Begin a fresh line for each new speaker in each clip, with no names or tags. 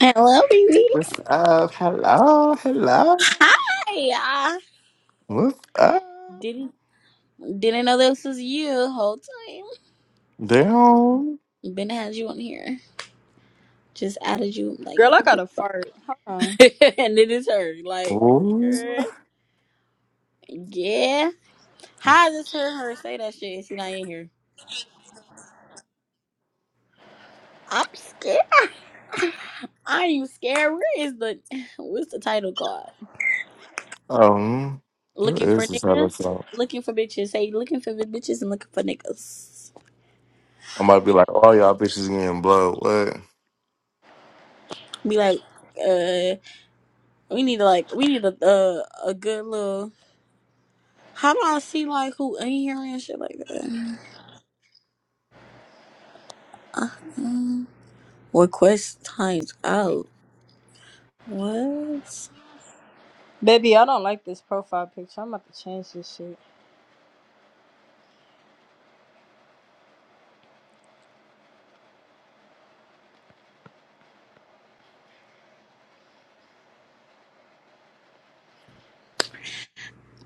Hello, baby.
What's up? Hello, hello.
Hi. Uh,
What's up?
didn't didn't know this was you the whole time.
Down.
Been had you on here. Just added you like,
Girl, I got to fart. Hold on.
and it is her. Like,
Ooh.
girl. yeah. How is this her? Her say that shit. and She not in here. I'm scared. Are you scared? Where is the what's the title called?
Um, what
Looking for
is this other
niggas.
song?
Looking for bitches. Say looking for bitches and looking for niggas.
I'm about to be like, all y'all bitches getting blood. What?
Be like, uh, we need to like we need a uh, a good little. How do I see like who in here and shit like that? Uh-huh. Request times out. What?
Baby, I don't like this profile picture. I'm about to change this shit.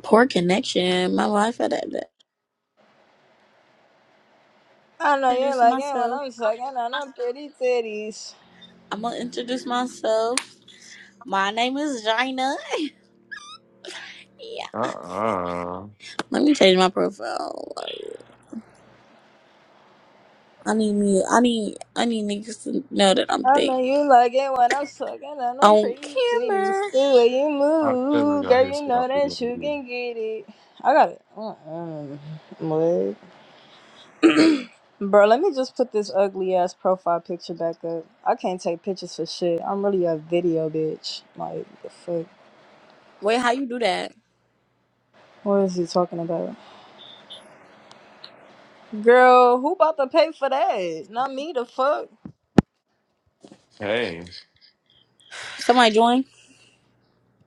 Poor connection. My life at that. that.
I know you
Introduce
like it when
myself.
I'm sucking on them pretty titties.
I'm gonna introduce myself. My name is Gina. Yeah.
Uh uh
Let me change my profile. Like, I need me. I need. I need niggas to know that I'm
I
thick
know you like it when I'm sucking on them
on
pretty titties.
camera.
The way you
How could we
move,
got
girl,
here
you
shit on
know that you
BNB?
can get it. I got it. Mm-mm. What? Bro, let me just put this ugly ass profile picture back up. I can't take pictures for shit. I'm really a video bitch. Like, the fuck?
Wait, how you do that?
What is he talking about? Girl, who about to pay for that? Not me, the fuck.
Hey.
Somebody join.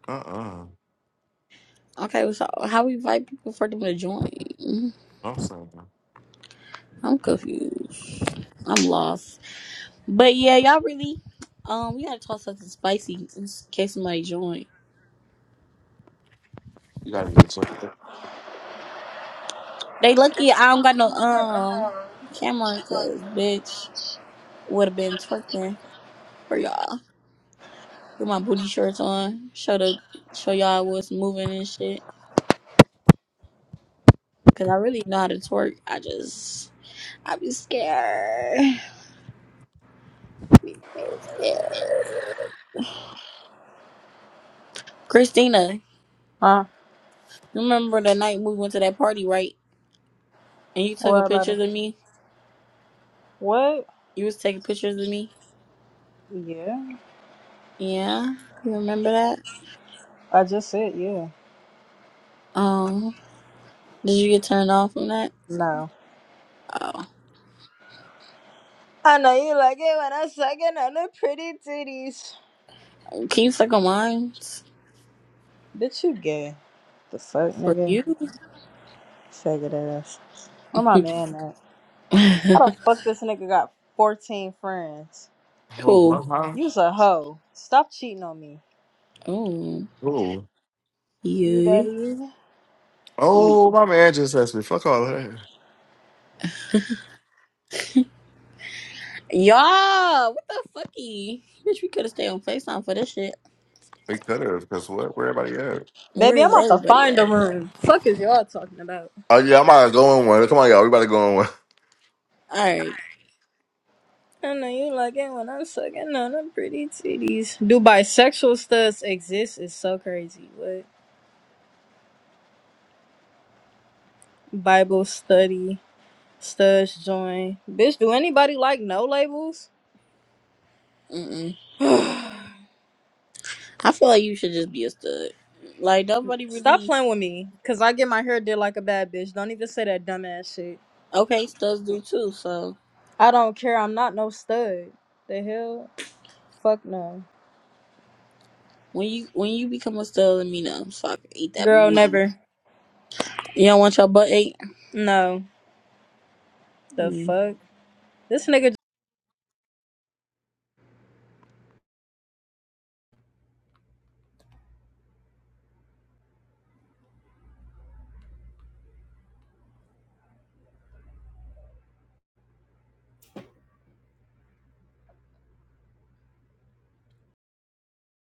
Uh uh-uh. uh.
Okay, so how we invite people for them to join?
i am saying.
I'm confused. I'm lost. But yeah, y'all really, um, we gotta toss something spicy in s- case somebody join.
You gotta get checked.
They lucky I don't got no um camera, cause bitch would have been twerking for y'all. Put my booty shorts on, show the show y'all what's moving and shit. Cause I really know how to twerk. I just I be scared. Be so scared. Christina,
Huh?
you remember the night we went to that party, right? And you took
What
a
about it?
pictures of me.
What?
You was taking pictures of me.
Yeah.
Yeah, you remember that?
I just said yeah.
Oh, did you get turned off from that?
No.
Oh,
I know you like it when I'm sucking on the pretty titties.
can you click on mine
Bitch, you gay. The fuck,
for
nigga?
you?
Faggot ass. Where my man at? How the fuck this nigga got 14 friends?
Oh, what,
cool.
huh?
You's a hoe. Stop cheating on me.
Oh,
Ooh.
You
you.
daddy.
Oh, my man just asked me. Fuck all that.
Y'all, what the fucky? Bitch, we could have stayed on Facetime for this shit.
We could have, because what? Where everybody at?
Where
Baby, I'm
is
about to
everybody
find
at?
a room. Fuck is y'all talking about?
Oh, yeah, I'm about to go in one. Come on, y'all. We about to go in one.
All right.
I know you like it when I'm sucking on them pretty titties. Do bisexual studs exist? Is so crazy. What Bible study studs join? Bitch, do anybody like no labels?
Mm-mm. I feel like you should just be a stud. Like nobody
Stop
really.
playing with me, cause I get my hair did like a bad bitch. Don't even say that dumbass shit.
Okay, studs do too. So
I don't care. I'm not no stud. The hell? Fuck no.
when you when you become a stud, let me know so I can eat that
Girl,
booty.
never.
You don't want your butt ate.
No. The fuck? This nigga